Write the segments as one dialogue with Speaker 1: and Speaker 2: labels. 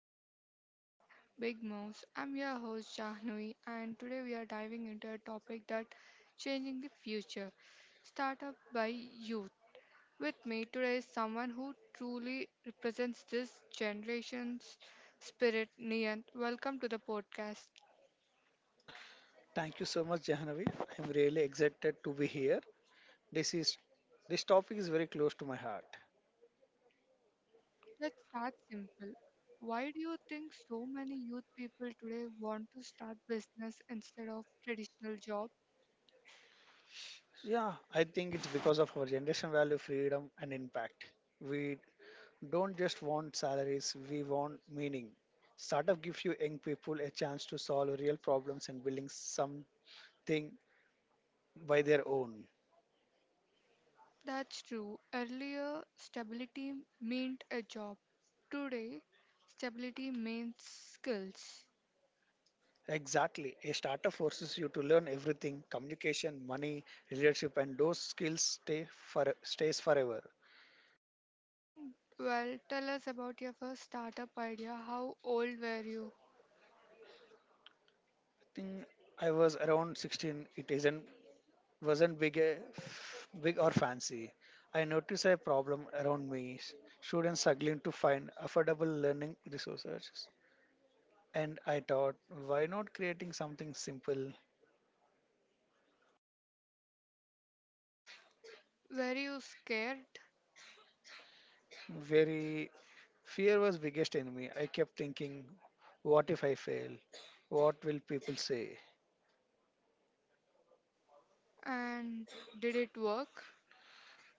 Speaker 1: to Young Minds Big Mouse. I'm your host Shahnui, and today we are diving into a topic that changing the future. Startup by youth. With me today is someone who truly represents this generation's spirit, Niant. Welcome to the podcast.
Speaker 2: Thank you so much, Jahanavi. I'm really excited to be here. This is this topic is very close to my heart.
Speaker 1: Let's start simple. Why do you think so many youth people today want to start business instead of traditional job?
Speaker 2: Yeah, I think it's because of our generation value, freedom, and impact. We don't just want salaries; we want meaning. Startup gives you young people a chance to solve real problems and building something by their own.
Speaker 1: That's true. Earlier, stability meant a job. Today, stability means skills.
Speaker 2: Exactly, a startup forces you to learn everything: communication, money, leadership, and those skills stay forever.
Speaker 1: Well, tell us about your first startup idea. How old were you?
Speaker 2: Think I was around 16. It isn't wasn't big, big or fancy. I noticed a problem around me: students struggling to find affordable learning resources. And I thought, why not creating something simple?
Speaker 1: Were you scared?
Speaker 2: Very fear was biggest enemy. I kept thinking, what if I fail? What will people say?
Speaker 1: And did it work?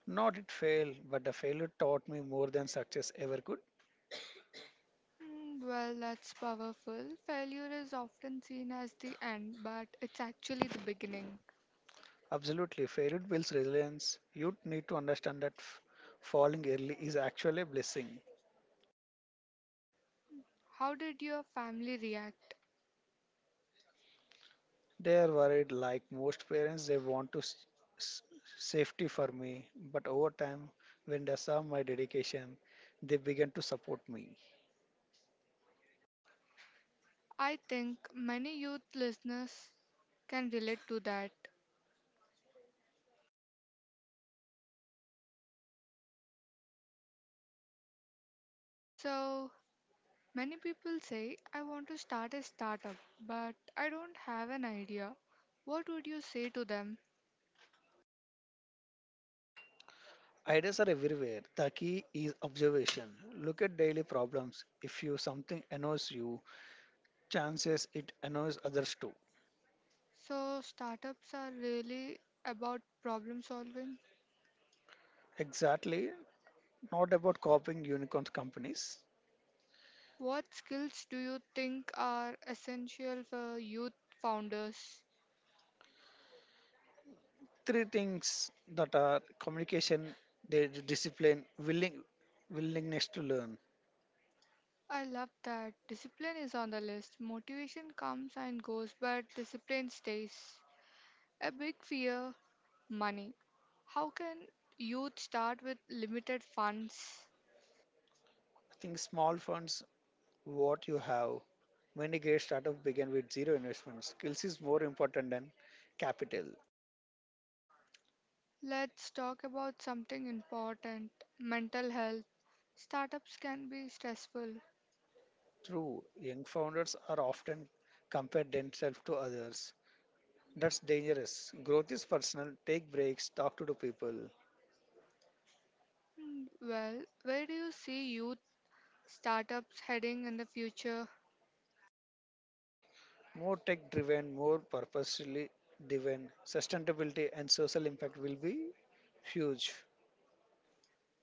Speaker 2: Not it fail, but the failure taught me more than success ever could.
Speaker 1: Well, that's powerful. Failure is often seen as the end, but it's actually the beginning.
Speaker 2: Absolutely. Failure builds resilience. You need to understand that falling early is actually a blessing.
Speaker 1: How did your family react?
Speaker 2: They are worried, like most parents, they want to s- safety for me. But over time, when they saw my dedication, they began to support me.
Speaker 1: I think many youth listeners can relate to that. So, many people say, I want to start a startup, but I don't have an idea. What would you say to them?
Speaker 2: Ideas are everywhere. The key is observation. Look at daily problems. If you something annoys you, chances it annoys others too.
Speaker 1: So, startups are really about problem solving.
Speaker 2: Exactly. Not about copying unicorn companies.
Speaker 1: What skills do you think are essential for youth founders?
Speaker 2: Three things that are communication, their discipline, willingness to learn.
Speaker 1: I love that. Discipline is on the list. Motivation comes and goes, but discipline stays. A big fear money. How can youth start with limited funds?
Speaker 2: I think small funds, what you have. Many great startups begin with zero investment. Skills is more important than capital.
Speaker 1: Let's talk about something important mental health. Startups can be stressful.
Speaker 2: True, young founders are often compared themselves to others. That's dangerous. Growth is personal. Take breaks. Talk to the people.
Speaker 1: Well, where do you see youth startups heading in the future?
Speaker 2: More tech-driven, more purposefully driven. Sustainability and social impact will be huge.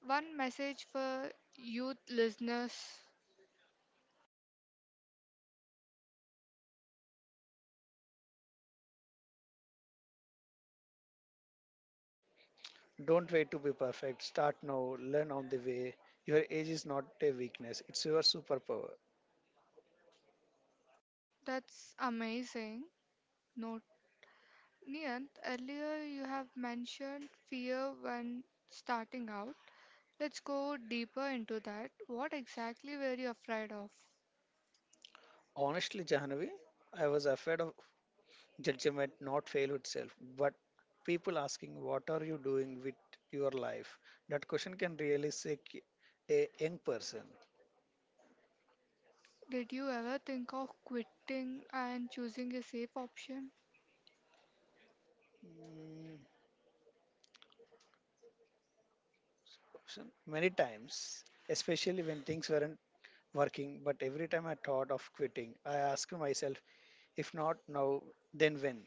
Speaker 1: One message for youth listeners.
Speaker 2: Don't wait to be perfect. Start now. Learn on the way. Your age is not a weakness, it's your superpower.
Speaker 1: That's amazing. Note Niyant, earlier you have mentioned fear when starting out. Let's go deeper into that. What exactly were you afraid of?
Speaker 2: Honestly, Jahanavi, I was afraid of judgment not fail itself, but people asking, what are you doing with your life? That question can really shake a young person.
Speaker 1: Did you ever think of quitting and choosing a safe option?
Speaker 2: Mm, question. Many times, especially when things weren't working, but every time I thought of quitting, I asked myself, if not now, then when?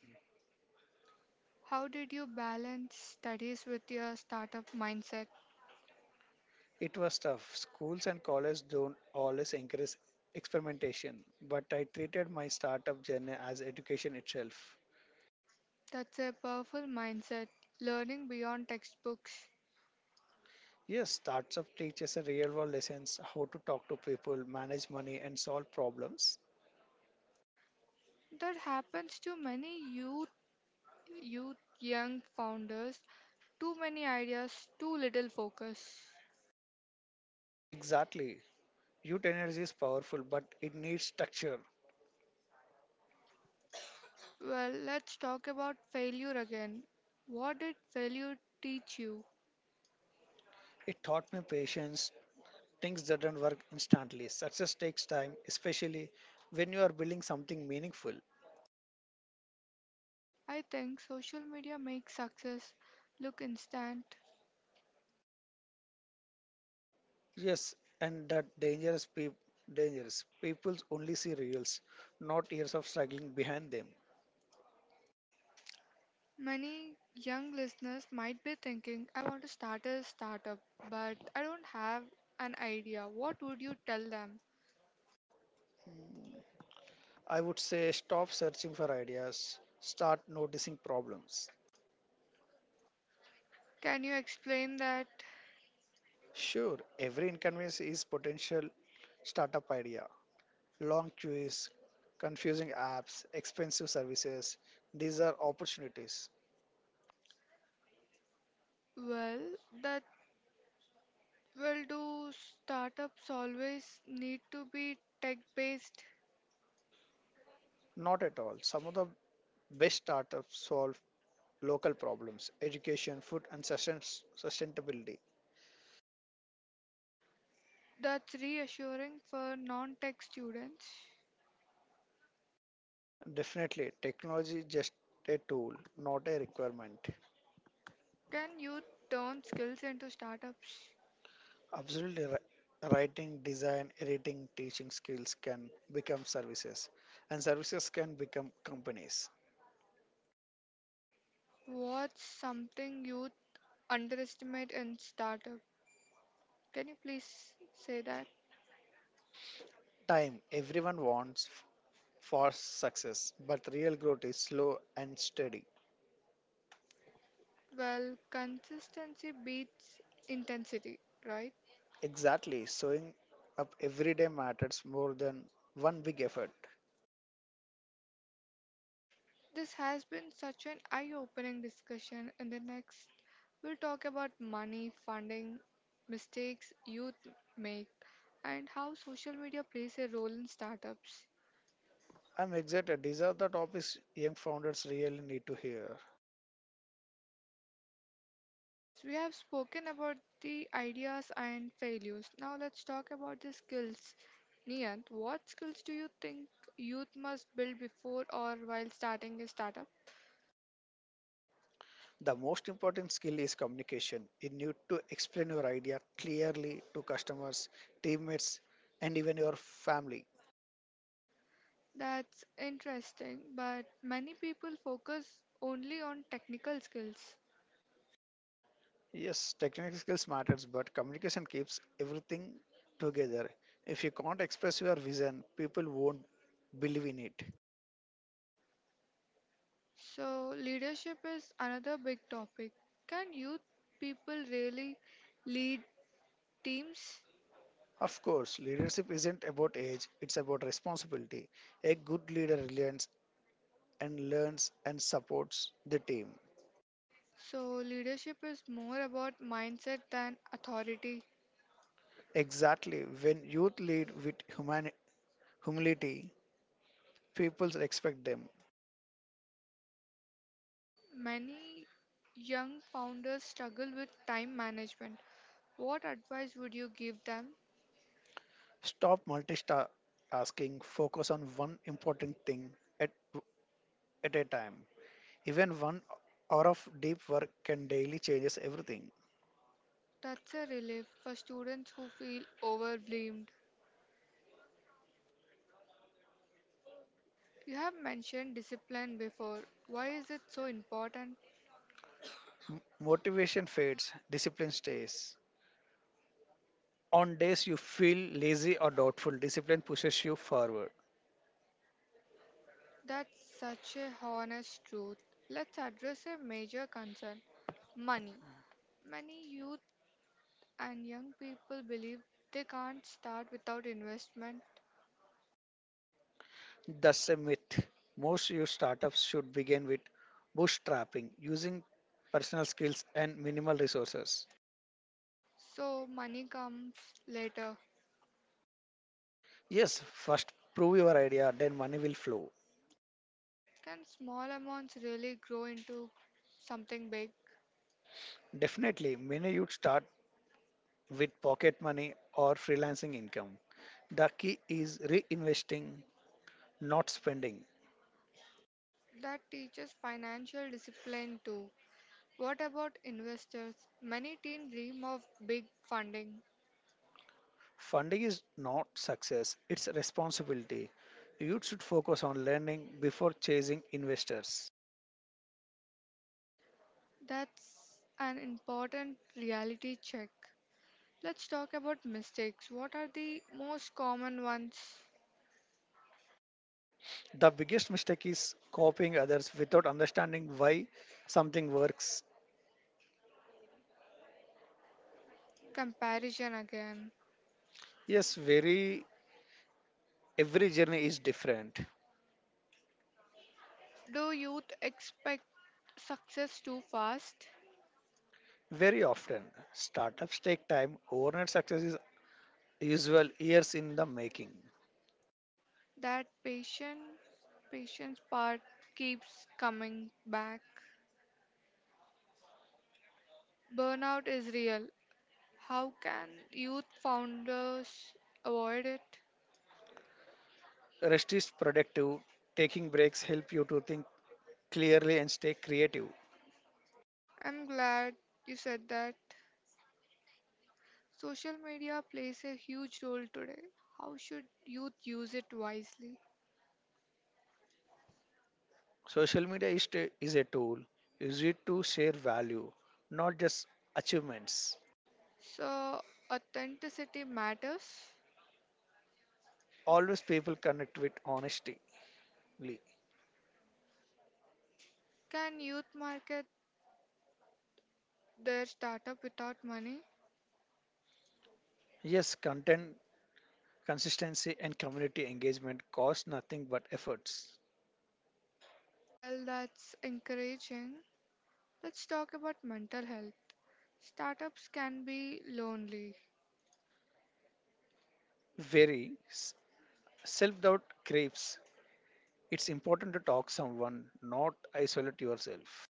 Speaker 1: How did you balance studies with your startup mindset?
Speaker 2: It was tough. Schools and colleges don't always encourage experimentation, but I treated my startup journey as education itself.
Speaker 1: That's a powerful mindset, learning beyond textbooks.
Speaker 2: Yes, startup teaches a real world lessons how to talk to people, manage money, and solve problems.
Speaker 1: That happens to many youth, young founders. Too many ideas, too little focus.
Speaker 2: Exactly. Youth energy is powerful, but it needs structure.
Speaker 1: Well, let's talk about failure again. What did failure teach you?
Speaker 2: It taught me patience. Things doesn't work instantly. Success takes time, especially when you are building something meaningful.
Speaker 1: I think social media makes success look instant.
Speaker 2: Yes, and that dangerous. People only see reels, not years of struggling behind them.
Speaker 1: Many young listeners might be thinking, I want to start a startup, but I don't have an idea. What would you tell them?
Speaker 2: I would say stop searching for ideas, start noticing problems.
Speaker 1: Can you explain that?
Speaker 2: Sure, every inconvenience is potential startup idea. Long queues, confusing apps, expensive services, these are opportunities.
Speaker 1: Well, that will do startups always need to be tech based?
Speaker 2: Not at all. Some of the best startups solve local problems, education, food and sustainability.
Speaker 1: That's reassuring for non tech students.
Speaker 2: Definitely, technology is just a tool, not a requirement.
Speaker 1: Can you turn skills into startups?
Speaker 2: Absolutely, writing, design, editing, teaching skills can become services, and services can become companies.
Speaker 1: What's something you underestimate in startup? Can you please say that?
Speaker 2: Time, everyone wants fast success, but real growth is slow and steady.
Speaker 1: Well, consistency beats intensity, right?
Speaker 2: Exactly, showing up every day matters more than one big effort.
Speaker 1: This has been such an eye opening discussion. In the next, we'll talk about money, funding, mistakes youth make, and how social media plays a role in startups.
Speaker 2: I'm excited. These are the topics young founders really need to hear.
Speaker 1: Yes, we have spoken about the ideas and failures. Now let's talk about the skills. Niyant, what skills do you think youth must build before or while starting a startup?
Speaker 2: The most important skill is communication. You need to explain your idea clearly to customers, teammates, and even your family.
Speaker 1: That's interesting, but many people focus only on technical skills.
Speaker 2: Yes, technical skills matters, but communication keeps everything together. If you can't express your vision, people won't believe in it.
Speaker 1: So, leadership is another big topic. Can youth people really lead teams?
Speaker 2: Of course, leadership isn't about age, it's about responsibility. A good leader learns and supports the team.
Speaker 1: So, leadership is more about mindset than authority.
Speaker 2: Exactly, when youth lead with human humility, people expect them.
Speaker 1: Many young founders struggle with time management. What advice would you give them?
Speaker 2: Stop multitasking, focus on one important thing at, at a time. Even 1 hour of deep work can daily changes everything.
Speaker 1: That's a relief for students who feel overwhelmed. You have mentioned discipline before. Why is it so important?
Speaker 2: Motivation fades, discipline stays. On days you feel lazy or doubtful, discipline pushes you forward.
Speaker 1: That's such a honest truth. Let's address a major concern money. Many youth and young people believe they can't start without investment,
Speaker 2: That's a myth. Most your startups should begin with bootstrapping, using personal skills and minimal resources.
Speaker 1: so money comes later.
Speaker 2: Yes, first prove your idea, then money will flow.
Speaker 1: Can small amounts really grow into something big?
Speaker 2: Definitely, many youth start with pocket money or freelancing income. The key is reinvesting, not spending.
Speaker 1: That teaches financial discipline too. What about investors? Many teens dream of big funding.
Speaker 2: Funding is not success, it's responsibility. Youth should focus on learning before chasing investors.
Speaker 1: That's an important reality check. Let's talk about mistakes. What are the most common ones?
Speaker 2: The biggest mistake is copying others without understanding why something works.
Speaker 1: Comparison again.
Speaker 2: Yes, very every journey is different.
Speaker 1: Do youth expect success too fast?
Speaker 2: Very often, startups take time. Overnight success is usual years in the making.
Speaker 1: That patient patience part keeps coming back. Burnout is real. How can youth founders avoid it?
Speaker 2: Rest is productive. Taking breaks help you to think clearly and stay creative.
Speaker 1: I'm glad you said that. Social media plays a huge role today. How should youth use it wisely?
Speaker 2: Social media is a tool. Use it to share value, not just achievements.
Speaker 1: So, authenticity matters.
Speaker 2: Always people connect with honesty.
Speaker 1: Can youth market their startup without money?
Speaker 2: Yes, content consistency and community engagement cost nothing but efforts.
Speaker 1: Well, that's encouraging. Let's talk about mental health. Startups can be lonely.
Speaker 2: Very self doubt creeps. It's important to talk someone, not isolate yourself.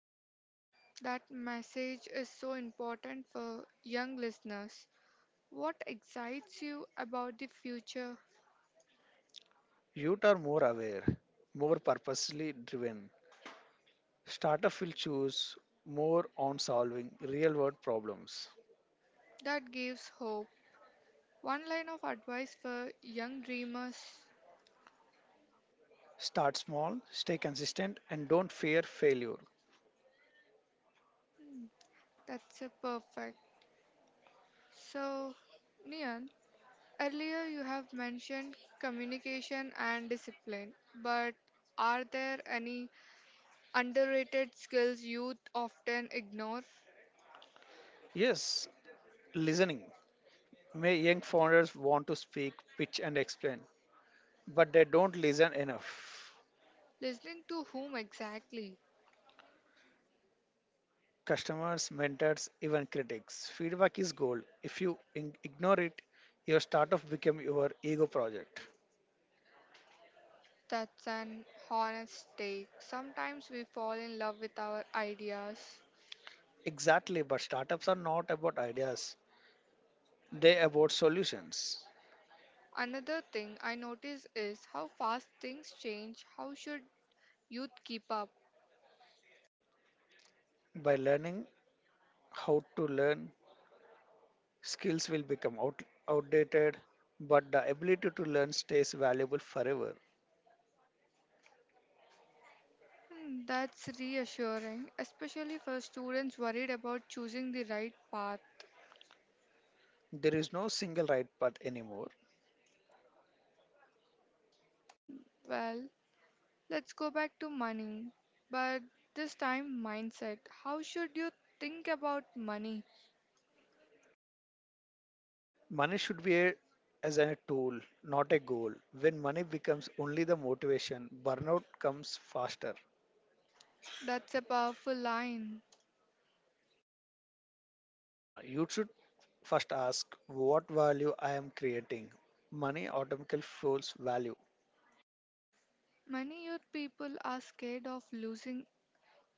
Speaker 1: That message is so important for young listeners. What excites you about the future?
Speaker 2: Youth are more aware, more purposely driven. Startup will choose more on solving real world problems.
Speaker 1: That gives hope. One line of advice for young dreamers.
Speaker 2: Start small, stay consistent, and don't fear failure.
Speaker 1: That's a perfect. So, Nian, earlier you have mentioned communication and discipline, but are there any underrated skills youth often ignore?
Speaker 2: Yes, listening. May young founders want to speak, pitch, and explain, but they don't listen enough.
Speaker 1: Listening to whom exactly?
Speaker 2: Customers, mentors, even critics. Feedback is gold. If you ignore it, your startup become your ego project.
Speaker 1: That's an honest take. Sometimes we fall in love with our ideas.
Speaker 2: Exactly, but startups are not about ideas. They about solutions.
Speaker 1: Another thing I notice is how fast things change. How should youth keep up?
Speaker 2: By learning how to learn, skills will become outdated, but the ability to learn stays valuable forever.
Speaker 1: That's reassuring, especially for students worried about choosing the right path.
Speaker 2: There is no single right path anymore.
Speaker 1: Well, let's go back to money, but this time mindset. How should you think about money?
Speaker 2: Money should be as a tool, not a goal. When money becomes only the motivation, burnout comes faster.
Speaker 1: That's a powerful line.
Speaker 2: Now, you should first ask what value I am creating. Money automatically flows value.
Speaker 1: Many youth people are scared of losing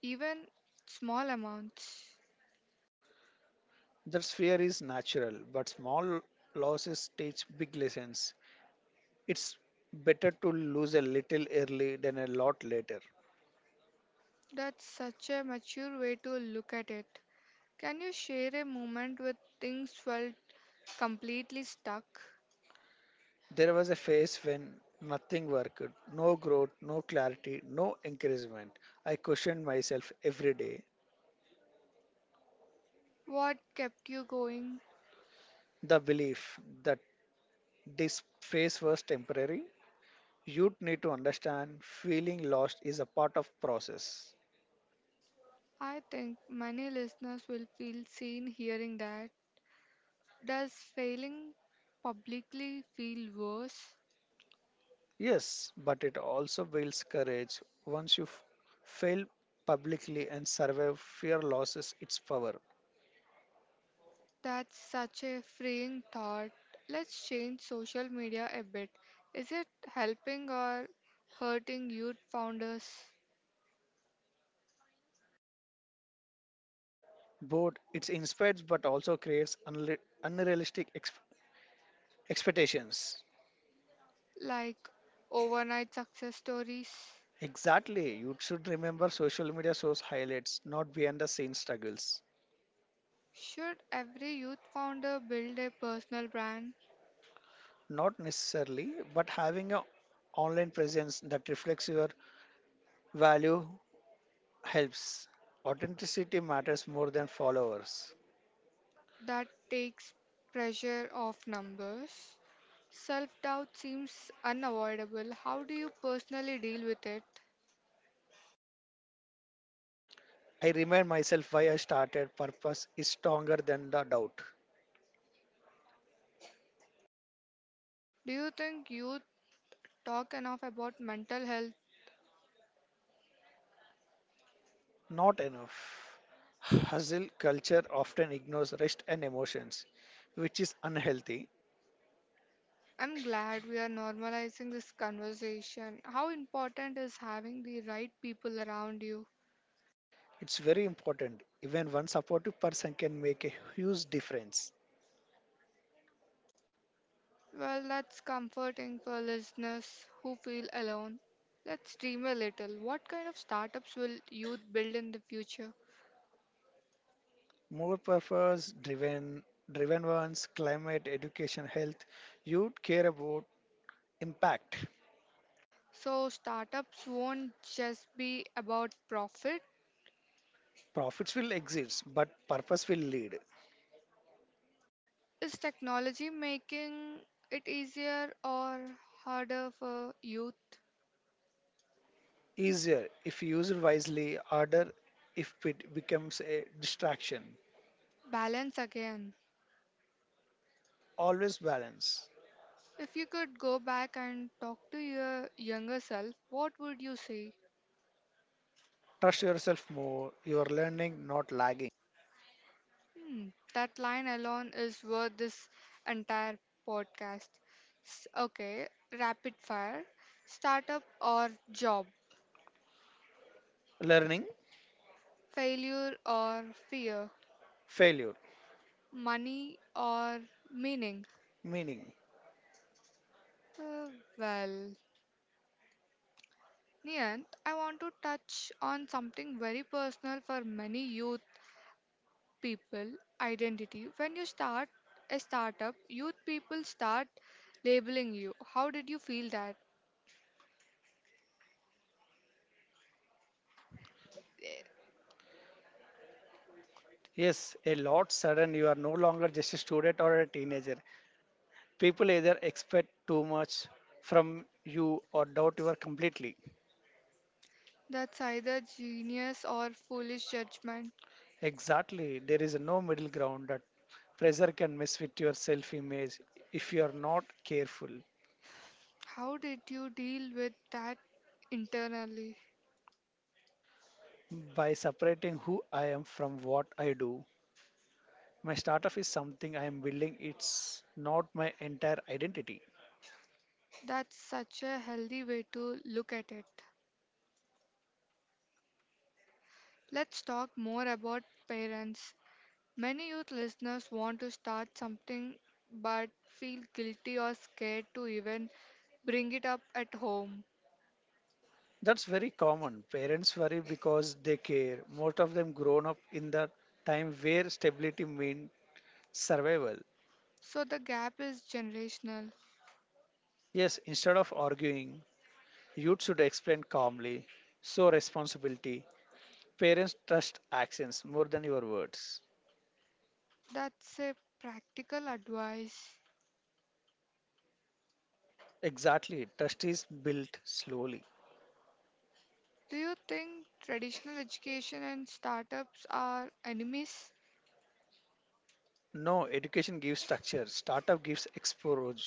Speaker 1: even small amounts.
Speaker 2: That fear is natural, but small losses teach big lessons. It's better to lose a little early than a lot later.
Speaker 1: That's such a mature way to look at it. Can you share a moment where things felt completely stuck?
Speaker 2: There was a phase when nothing worked, no growth, no clarity, no encouragement. I questioned myself every day.
Speaker 1: What kept you going?
Speaker 2: The belief that this phase was temporary, you'd need to understand feeling lost is a part of process.
Speaker 1: I think many listeners will feel seen hearing that. Does failing publicly feel worse?
Speaker 2: Yes, but it also builds courage once you fail publicly and survive fear losses its power.
Speaker 1: That's such a freeing thought. Let's change social media a bit. Is it helping or hurting youth founders
Speaker 2: Both it inspires but also creates unrealistic expectations.
Speaker 1: like overnight success stories?
Speaker 2: Exactly, you should remember social media shows highlights, not behind the scenes struggles.
Speaker 1: Should every youth founder build a personal brand?
Speaker 2: Not necessarily, but having an online presence that reflects your value helps. Authenticity matters more than followers.
Speaker 1: That takes pressure off numbers. Self doubt seems unavoidable. How do you personally deal with it?
Speaker 2: I remind myself why I started. Purpose is stronger than the doubt.
Speaker 1: Do you think you talk enough about mental health?
Speaker 2: Not enough. Hustle culture often ignores rest and emotions, which is unhealthy.
Speaker 1: I'm glad we are normalizing this conversation. How important is having the right people around you?
Speaker 2: It's very important. Even one supportive person can make a huge difference.
Speaker 1: Well, that's comforting for listeners who feel alone. Let's dream a little. What kind of startups will youth build in the future?
Speaker 2: More purpose driven driven ones, climate, education, health, you care about impact.
Speaker 1: So, startups won't just be about profit.
Speaker 2: Profits will exist, but purpose will lead.
Speaker 1: Is technology making it easier or harder for youth?
Speaker 2: Easier if used wisely, harder if it becomes a distraction.
Speaker 1: Balance again.
Speaker 2: Always balance.
Speaker 1: If you could go back and talk to your younger self, what would you say?
Speaker 2: Trust yourself more. You are learning, not lagging.
Speaker 1: Hmm, that line alone is worth this entire podcast. Okay, rapid fire. Startup or job?
Speaker 2: Learning,
Speaker 1: Failure or fear?
Speaker 2: failure,
Speaker 1: Money or meaning?
Speaker 2: meaning.
Speaker 1: Uh, well, Niyant, I want to touch on something very personal for many youth people identity. When you start a startup, youth people start labeling you. How did you feel that?
Speaker 2: Yes, a lot sudden you are no longer just a student or a teenager. People either expect too much from you or doubt you are completely.
Speaker 1: That's either genius or foolish judgment.
Speaker 2: Exactly, there is no middle ground that pressure can mess with your self image if you are not careful.
Speaker 1: How did you deal with that internally?
Speaker 2: By separating who I am from what I do, my startup is something I am building, it's not my entire identity.
Speaker 1: That's such a healthy way to look at it. Let's talk more about parents. Many youth listeners want to start something but feel guilty or scared to even bring it up at home.
Speaker 2: That's very common. Parents worry because they care. Most of them grown up in the time where stability meant survival.
Speaker 1: So the gap is generational.
Speaker 2: Yes, instead of arguing, youth should explain calmly, show responsibility. Parents trust actions more than your words.
Speaker 1: That's a practical advice.
Speaker 2: Exactly, trust is built slowly.
Speaker 1: Do you think traditional education and startups are enemies,
Speaker 2: No, education gives structure, startup gives exposure.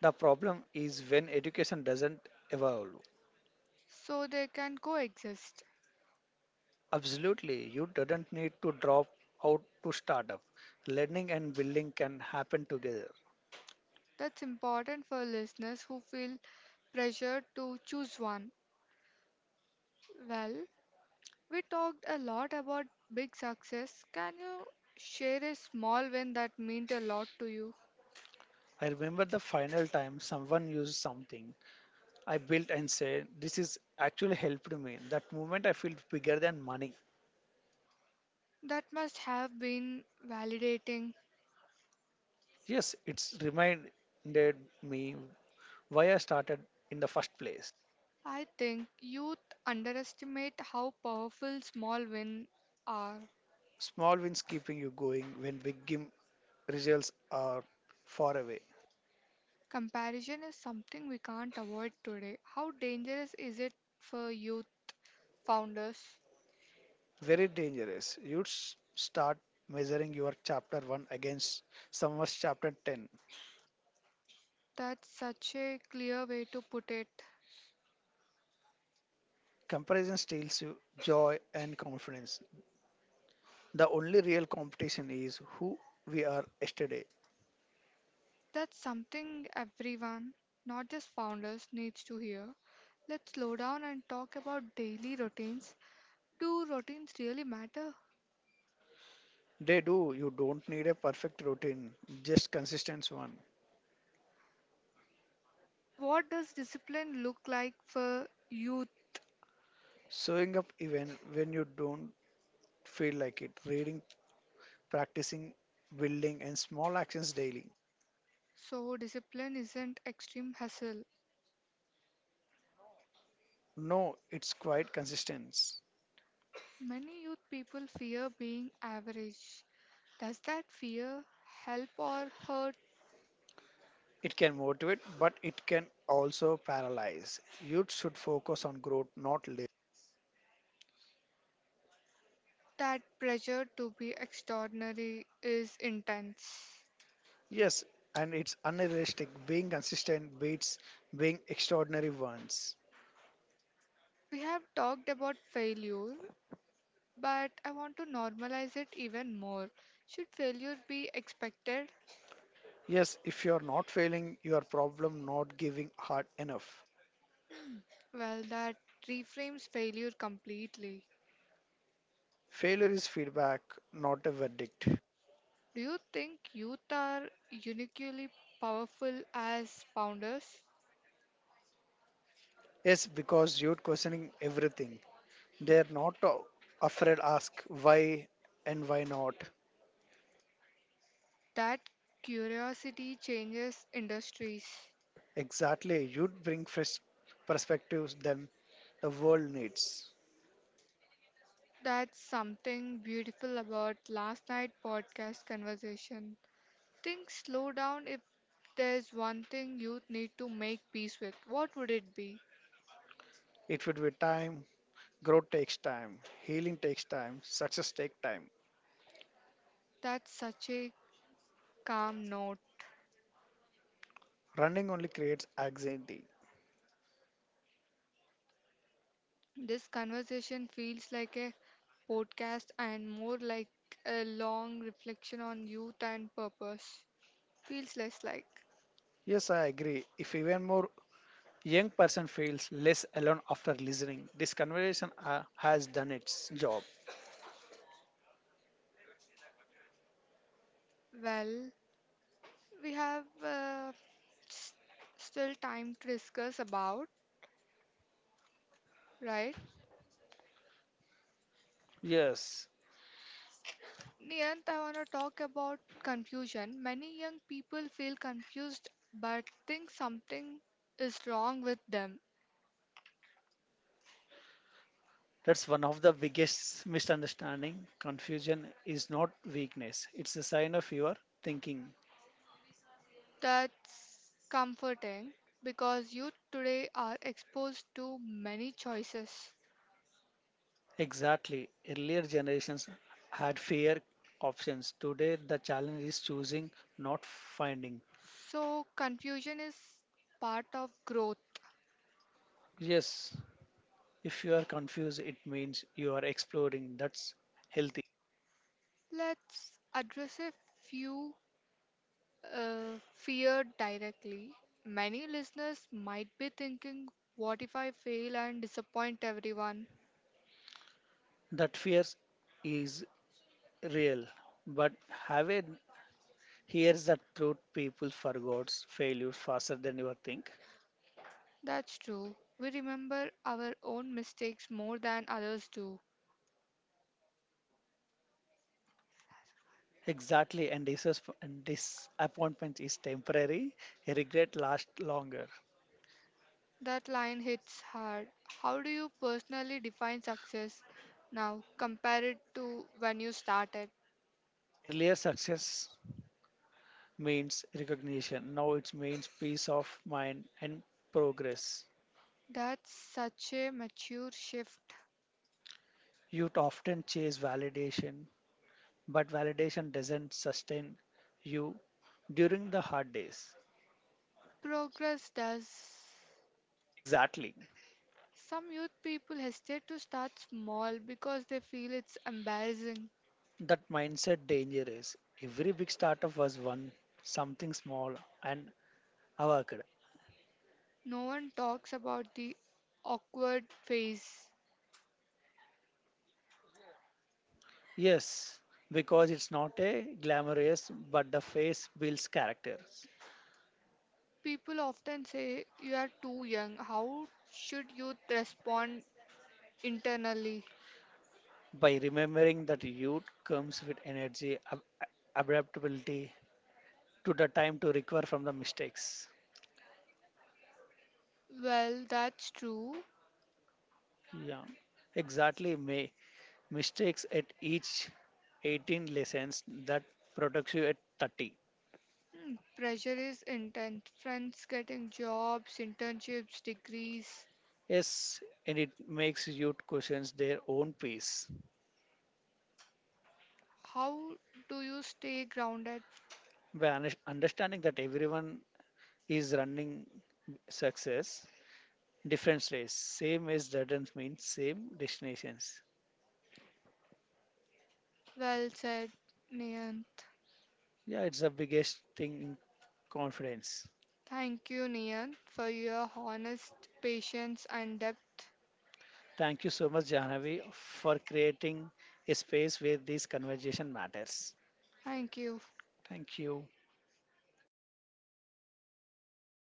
Speaker 2: The problem is when education doesn't evolve.
Speaker 1: so they can coexist?
Speaker 2: Absolutely, you does not need to drop out to start up. Learning and building can happen together.
Speaker 1: That's important for listeners who feel pressured to choose one. Well, we talked a lot about big success. Can you share a small win that meant a lot to you?
Speaker 2: I remember the final time someone used something I built and said, this is actually helped me. That moment I feel bigger than money.
Speaker 1: That must have been validating.
Speaker 2: Yes, it's reminded me why I started in the first place.
Speaker 1: I think youth underestimate how powerful small wins are.
Speaker 2: Small wins keeping you going when big game results are far away.
Speaker 1: Comparison is something we can't avoid today. How dangerous is it for youth founders?
Speaker 2: Very dangerous. You'd start measuring your chapter 1 against someone's chapter 10.
Speaker 1: That's such a clear way to put it.
Speaker 2: Comparison steals you joy and confidence. The only real competition is who we are yesterday.
Speaker 1: That's something everyone, not just founders, needs to hear. Let's slow down and talk about daily routines. Do routines really matter?
Speaker 2: They do. You don't need a perfect routine, just consistent one.
Speaker 1: What does discipline look like for youth?
Speaker 2: Showing up even when you don't feel like it. Reading, practicing, building, and small actions daily.
Speaker 1: So, discipline isn't extreme hustle.
Speaker 2: No, No, it's quite consistent.
Speaker 1: Many youth people fear being average. Does that fear help or hurt?
Speaker 2: It can motivate, but it can also paralyze. Youth should focus on growth, not labor.
Speaker 1: That pressure to be extraordinary is intense.
Speaker 2: Yes, and it's unrealistic. Being consistent beats being extraordinary once.
Speaker 1: We have talked about failure, but I want to normalize it even more. Should failure be expected?
Speaker 2: Yes, if you are not failing, you are problem not giving hard enough.
Speaker 1: Well, that reframes failure completely.
Speaker 2: Failure is feedback, not a verdict.
Speaker 1: Do you think youth are uniquely powerful as founders?
Speaker 2: Yes, because you're questioning everything. They're not afraid ask why and why not.
Speaker 1: That curiosity changes industries.
Speaker 2: Exactly, you'd bring fresh perspectives than the world needs.
Speaker 1: That's something beautiful about last night podcast conversation. Things slow down if there's one thing youth need to make peace with. What would it be?
Speaker 2: It would be time. Growth takes time. Healing takes time. Success takes time.
Speaker 1: That's such a calm note.
Speaker 2: Running only creates anxiety.
Speaker 1: This conversation feels like a podcast and more like a long reflection on youth and purpose. Feels less like,
Speaker 2: Yes, I agree. If even more young person feels less alone after listening, this conversation has done its job.
Speaker 1: well, we have s- still time to discuss about, right?
Speaker 2: Yes,
Speaker 1: Niyant, I want to talk about confusion. Many young people feel confused but think something is wrong with them.
Speaker 2: that's one of the biggest misunderstanding. Confusion is not weakness. It's a sign of your thinking.
Speaker 1: That's comforting because youth today are exposed to many choices.
Speaker 2: Exactly. Earlier generations had fewer options. Today, the challenge is choosing, not finding.
Speaker 1: So, confusion is part of growth.
Speaker 2: Yes, if you are confused, it means you are exploring. That's healthy.
Speaker 1: Let's address a few fear directly. Many listeners might be thinking, what if I fail and disappoint everyone?
Speaker 2: That fear is real. But have a here's the truth people forgot failure faster than you think.
Speaker 1: That's true. We remember our own mistakes more than others do.
Speaker 2: Exactly, and and disappointment is temporary. Regret lasts longer.
Speaker 1: That line hits hard. How do you personally define success now compared to when you started?
Speaker 2: Earlier success means recognition. Now it means peace of mind and progress.
Speaker 1: That's such a mature shift.
Speaker 2: Youth often chase validation but validation doesn't sustain you during the hard days.
Speaker 1: Progress does.
Speaker 2: Exactly.
Speaker 1: Some youth people hesitate to start small because they feel it's embarrassing.
Speaker 2: That mindset danger is every big startup was one something small and avocado.
Speaker 1: No one talks about the awkward phase.
Speaker 2: Yes, because it's not a glamorous, but the face builds characters.
Speaker 1: People often say, you are too young. How should youth respond internally?
Speaker 2: By remembering that youth comes with energy, adaptability, to the time to recover from the mistakes.
Speaker 1: Well, that's true.
Speaker 2: Yeah, exactly. May Mistakes at each 18 lessons that protects you at 30.
Speaker 1: Hmm, pressure is intense. Friends getting jobs, internships, degrees.
Speaker 2: Yes, and it makes youth questions their own pace.
Speaker 1: How do you stay grounded?
Speaker 2: By understanding that everyone is running success, different race, same as doesn't mean same destinations.
Speaker 1: Well said, Niyant.
Speaker 2: Yeah, it's the biggest thing in confidence.
Speaker 1: Thank you, Niyant, for your honest patience and depth.
Speaker 2: Thank you so much, Jahnavi, for creating a space where this conversation matters.
Speaker 1: Thank you.
Speaker 2: Thank you.